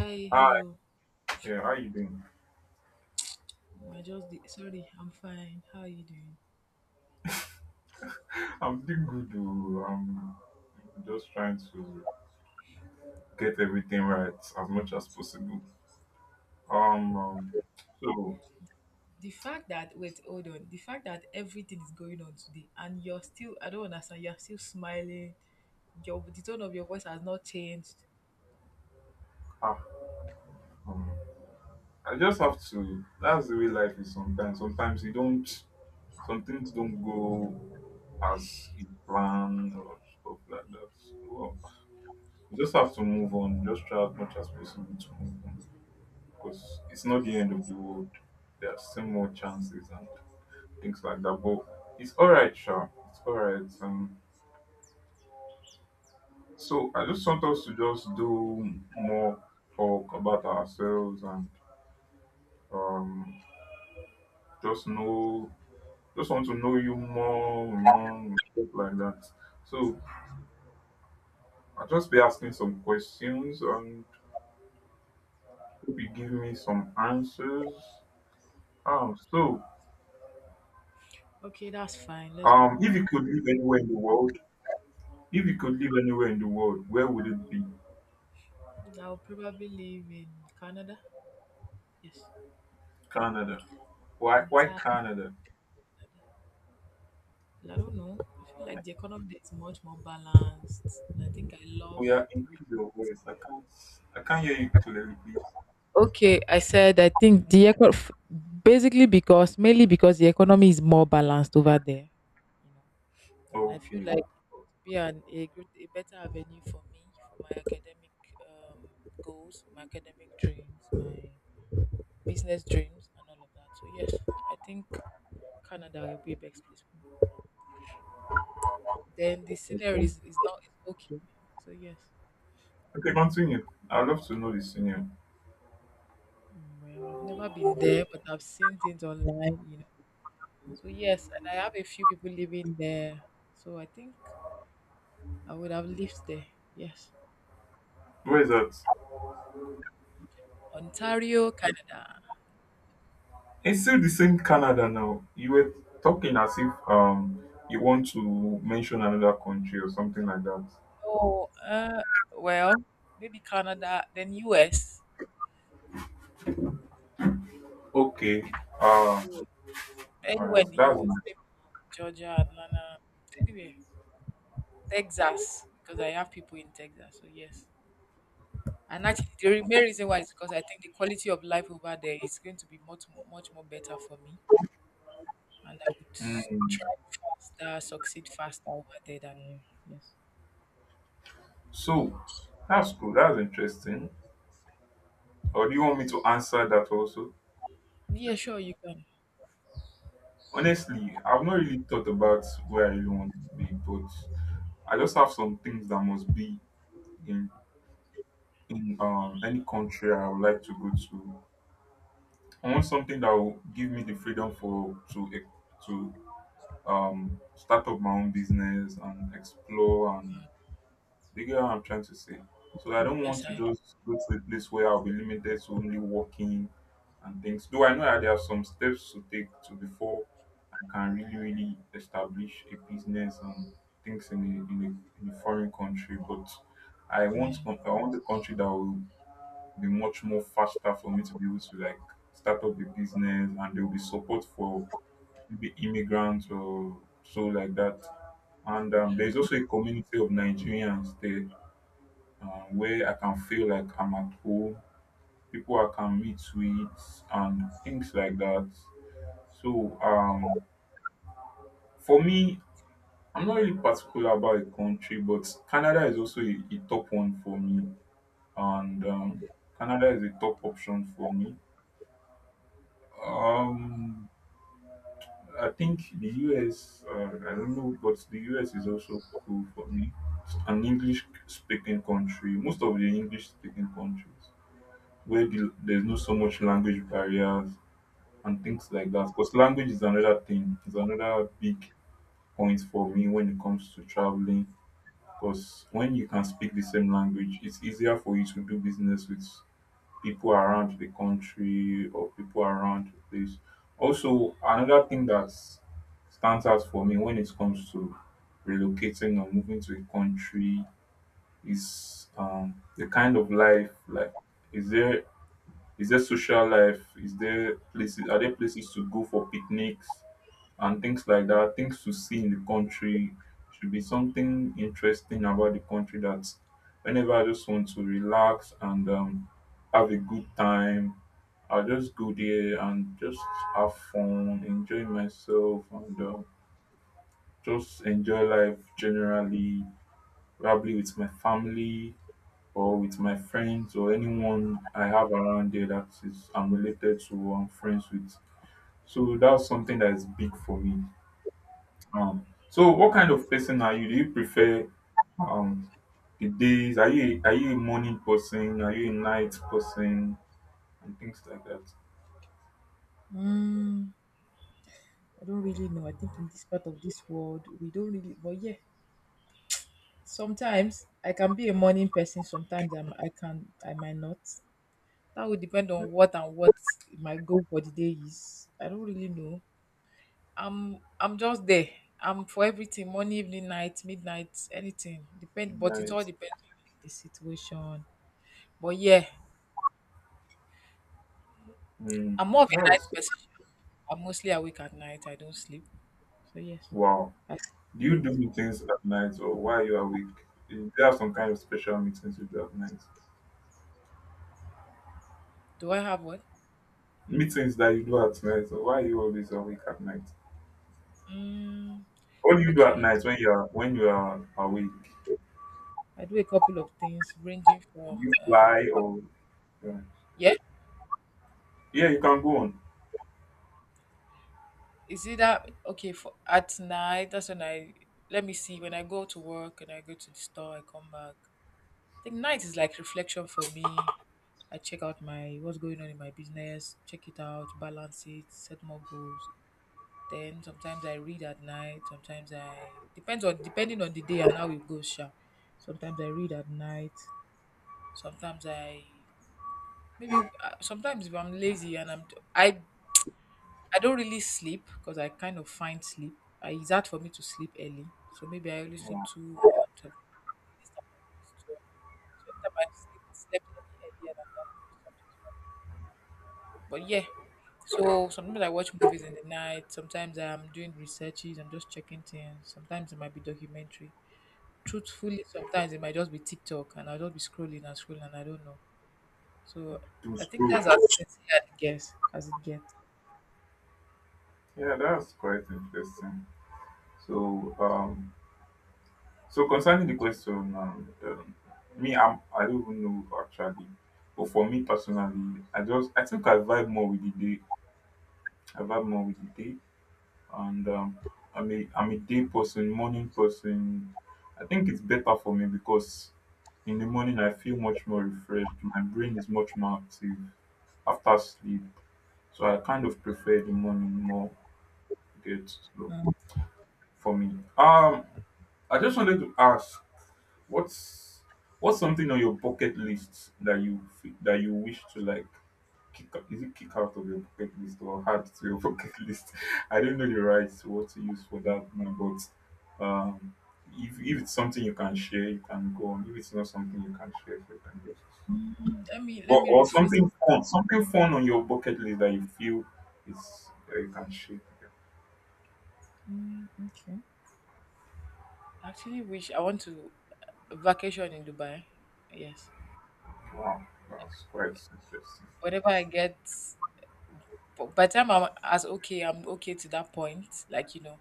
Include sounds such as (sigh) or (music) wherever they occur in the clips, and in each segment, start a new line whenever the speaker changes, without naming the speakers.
Hi,
Hi,
hello.
yeah, how you doing?
I just did, sorry, I'm fine. How are you doing?
(laughs) I'm doing good. Oh. I'm just trying to get everything right as much as possible. Um, um so
The fact that wait, hold on. The fact that everything is going on today and you're still, I don't understand, you're still smiling. Your the tone of your voice has not changed.
ah, um, I just have to. That's the way life is sometimes. Sometimes you don't. Some things don't go as you plan or stuff like that. Well, you just have to move on. Just try as much as possible to move on because it's not the end of the world. There are still more chances and things like that. But it's all right, sure. It's all right. So I just want us to just do more talk about ourselves and um, just know, just want to know you more, more stuff like that. So I'll just be asking some questions and hope you give me some answers. Um, so
Okay, that's fine. Let's go on.
if you could live anywhere in the world, if you could live anywhere in the world, where would it be?
I'll probably live in Canada. Yes.
Canada. Why?
On
Why
time.
Canada?
I don't know. I feel like the economy there is much more balanced, and I think I
Oh
love
yeah,
the way.
increase your voice. I can't hear you clearly, please.
Okay, I said I think the basically because, mainly because, the economy is more balanced over there, you know, and I feel
Okay.
like it be an, a good, a better avenue for me, for my academic um, goals, my academic dreams, my business dreams, and all of that. So yes, I think Canada will be a best place for me. Then the scenery is not is okay. So yes.
Okay, continue. I'd love to know the senior.
Mm, well, I've never been there, but I've seen things online. So yes, and I have a few people living there. So I think I would have lived there. Yes.
Where is that?
Ontario, Canada.
It's still the same Canada now. You were talking as if you want to mention another country or something like that.
Oh, well, maybe Canada, then U.S.
Okay. Uh
Maybe U.S,
all
anywhere
right.
in the
That's
U.S.
nice.
Maybe Georgia, Atlanta, anywhere. Texas, because I have people in Texas. So yes, and actually the main reason why is because I think the quality of life over there is going to be much, much more better for me, and I would
Mm.
try faster, succeed faster over there than here. Yes.
So that's cool. That's interesting. Or do you want me to answer that also?
Yeah, sure, you can.
Honestly, I've not really thought about where I really want to be, but I just have some things that must be in in any country I would like to go to. I want something that will give me the freedom for to start up my own business and explore and do you get what I'm trying to say? So I don't want
Yes,
to
I do.
just go to a place where I'll be limited to only walking and things. Though I know that there are some steps to take to before I can really, really establish a business and things in a foreign country, but I want
Yeah.
I want a country that will be much more faster for me to be able to like start up a business, and there will be support for maybe immigrants or so like that. And There's also a community of Nigerians there where I can feel like I'm at home, people I can meet with, and things like that. So, um, for me, I'm not really particular about a country, but Canada is also a top one for me, and Canada is a top option for me. Um, I think the US, I don't know, but the US is also cool for me. It's an English speaking country, most of the English speaking countries where there's not so much language barriers and things like that. Because language is another thing, is another big point for me when it comes to traveling. Because when you can speak the same language, it's easier for you to do business with people around the country or people around the place. Also, another thing that stands out for me when it comes to relocating or moving to a country is the kind of life. Like, is there is there social life? Is there places? Are there places to go for picnics? And things like that, things to see in the country. Should be something interesting about the country that whenever I just want to relax and have a good time, I'll just go there and just have fun, enjoy myself, and just enjoy life generally, probably with my family or with my friends or anyone I have around there that is I'm related to or I'm friends with. So that's something that is big for me. So what kind of person are you? Do you prefer um the days? Are you a morning person? Are you a night person? And things like that.
Mm, I don't really know. I think in this part of this world, we don't really. But yeah, sometimes I can be a morning person. Sometimes I can. I might not. That would depend on what and what my goal for the day is. I don't really know. I'm just there. I'm for everything. Morning, evening, night, midnight, anything. Depend. But it all
Night.
depends on the situation. But yeah,
Mm,
I'm more of a night
that's
person. I'm mostly awake at night. I don't sleep. So yes,
wow.
I
Do you do
calculate.
meetings at night or while you are awake? Do you have some kind of special meetings you do at night?
Do I have what?
Meetings that you do at night or why are you always awake at night?
Mm,
What do you do at
okay.
night when you are awake?
I do a couple of things ranging
Do
from
you fly or yeah,
Yeah.
yeah you can go on.
Is it that okay for at night? That's when I Let me see, when I go to work and I go to the store, I come back. I think night is like reflection for me. I check out my, what's going on in my business, check it out, balance it, set more goals. Then sometimes I read at night. Sometimes I depends on depending on the day and how it goes. Sha. Sometimes I read at night. Sometimes I, maybe sometimes if I'm lazy and I I don't really sleep because I kind of find sleep. I, it's hard for me to sleep early, so maybe I only sleep
Wow.
two or twelve. This time I used to- So anytime I slept any earlier than that, maybe something's wrong. But yeah, so sometimes I watch movies in the night. Sometimes I'm doing researches. I'm just checking things. Sometimes it might be documentary. Truthfully, sometimes it might just be TikTok, and I'll just be scrolling and scrolling, and I don't know. So
To
I think
scroll.
that's as sexy as it gets.
Yeah, that's quite interesting. So, um, so concerning the question, me, I don't even know actually, but for me personally, I think I vibe more with the day. I vibe more with the day, and I'm a day person, morning person. I think it's better for me because in the morning I feel much more refreshed. My brain is much more active after sleep, so I kind of prefer the morning more. Good, so
Um,
for me. Um, I just wanted to ask, what's what's something on your bucket list that you that you wish to like is it kick out of your bucket list or add to your (laughs) bucket list? I don't know the right word to use for that now, but if it's something you can share, you can go on. If it's not something you can share, you can just
let me
or
rephrase the.
something fun on your bucket list that you feel is that you can share.
Mm, okay. I actually wish, I want to vacation in Dubai. Yes.
Wow, that's quite interesting.
Whenever I get, but by the time I'm as okay, I'm okay to that point, like, you know,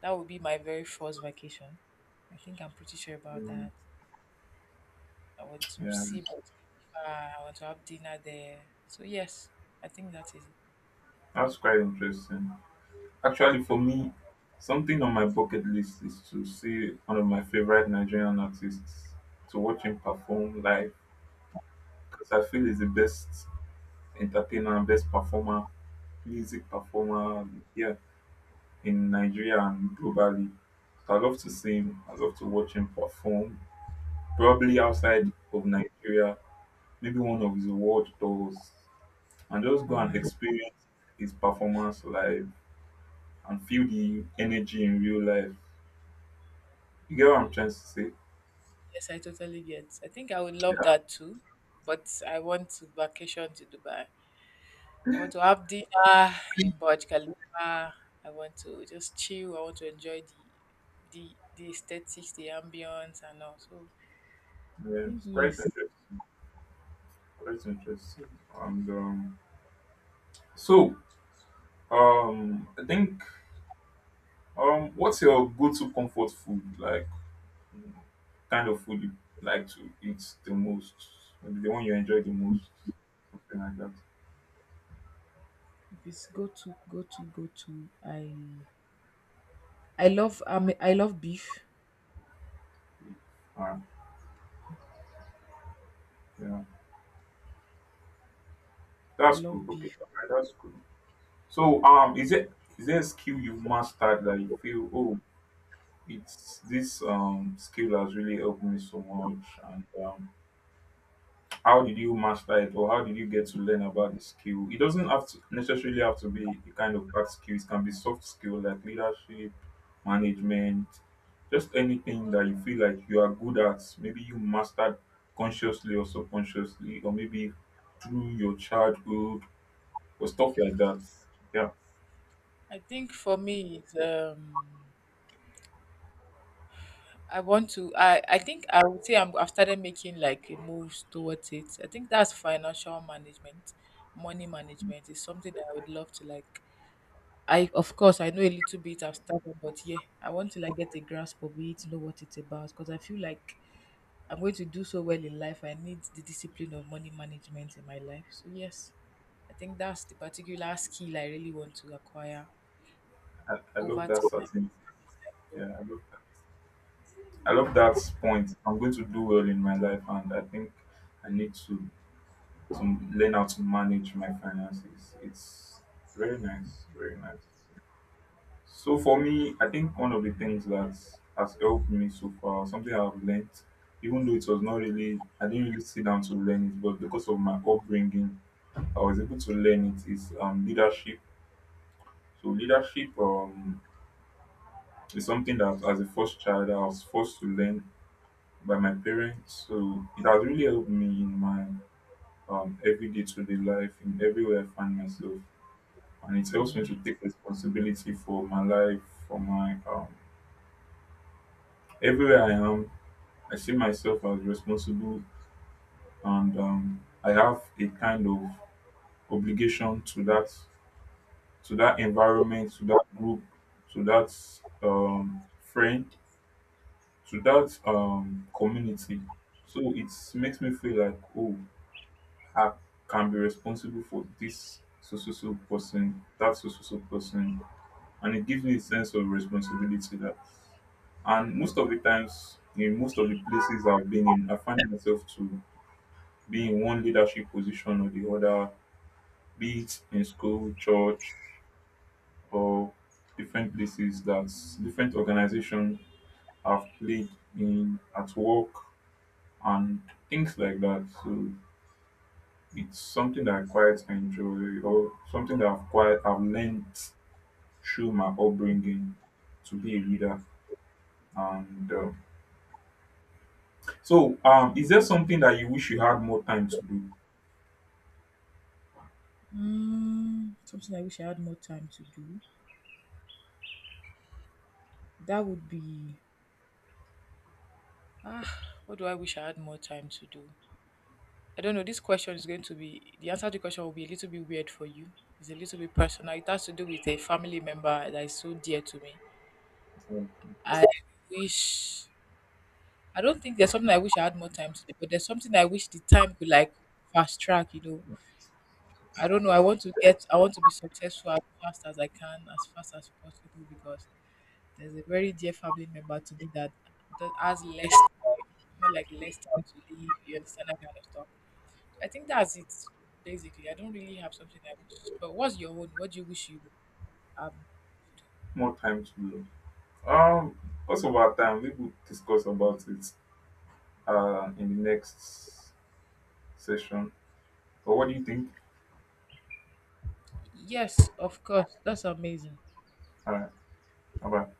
that would be my very first vacation. I think I'm pretty sure about
Mm.
that. I want to
Yeah,
see, but I want to have dinner there. So yes, I think that is it.
that's quite interesting. Actually, for me, something on my bucket list is to see one of my favorite Nigerian artists, to watch him perform live, because I feel he's the best entertainer and best performer, music performer, yeah, in Nigeria and globally. So I love to see him. I love to watch him perform, probably outside of Nigeria, maybe one of his world tours, and just go and experience his performance live and feel the energy in real life. You get what I'm trying to say?
Yes, I totally get. I think I would love
Yeah.
that too, but I want to vacation to Dubai. I want to have dinner in Burj Khalifa. I want to just chill. I want to enjoy the aesthetics, the ambience, and all. So I
Yeah,
think
it's quite
yes.
interesting. Quite interesting. And so I think what's your go-to comfort food? Like mm, kind of food you like to eat the most? Maybe the one you enjoy the most, something like that.
If it's I, I love beef.
Uh, yeah,
I
that's good.
love
Okay,
beef.
alright, that's good. So is it is there a skill you've mastered that you feel oh it's this skill has really helped me so much and how did you master it or how did you get to learn about the skill? It doesn't have to necessarily have to be a kind of hard skill, it can be soft skill like leadership, management, just anything that you feel like you are good at, maybe you mastered consciously or subconsciously, or maybe through your childhood or stuff like that, yeah.
I think for me it's um, I think I would say I've started making like moves towards it. I think that's financial management, money management is something that I would love to like. I, of course, I know a little bit. I've started, but yeah, I want to like get a grasp of it, know what it's about, because I feel like I'm going to do so well in life. I need the discipline of money management in my life. So yes, I think that's the particular skill I really want to acquire
I love
over
that
time.
certain yeah I love, that. I love that point, I'm going to do well in my life, and I think I need to learn how to manage my finances. It's very nice, very nice. So for me, I think one of the things that has helped me so far, something I've learned, even though it was not really, I didn't really sit down to learn it, but because of my upbringing, I was able to learn it. Is leadership. So leadership is something that, as a first child, I was forced to learn by my parents. So it has really helped me in my everyday to day life, in everywhere I find myself. And it helps me to take responsibility for my life, for my everywhere I am. I see myself as responsible, and I have a kind of obligation to that environment, to that group, to that friend, to that community. So it makes me feel like, oh, I can be responsible for this so so so person, that so so so person, and it gives me a sense of responsibility that. And most of the times, in most of the places I've been in, I find myself to be in one leadership position or the other, be it in school, church, or different places that different organizations have played in at work and things like that. So it's something that I quite enjoy or something that I've learned through my upbringing to be a leader. And um, is there something that you wish you had more time to do?
Mm, something I wish I had more time to do. That would be, ah, what do I wish I had more time to do? I don't know. This question is going to be, the answer to the question will be a little bit weird for you. It's a little bit personal. It has to do with a family member that is so dear to me.
more
I wish, I don't think there's something I wish I had more time to do, but there's something I wish the time could like fast track, I don't know. I want to be successful as fast as I can, as fast as possible, because there's a very dear family member to me that, that has less time, more like less time to live. You understand that kind of stuff. I think that's it. Basically, I don't really have something I wish. But what's your own? What do you wish you? Um,
More time to do. um because of our time we will discuss about it in the next session, but what do you think
yes, of course. That's amazing.
uh about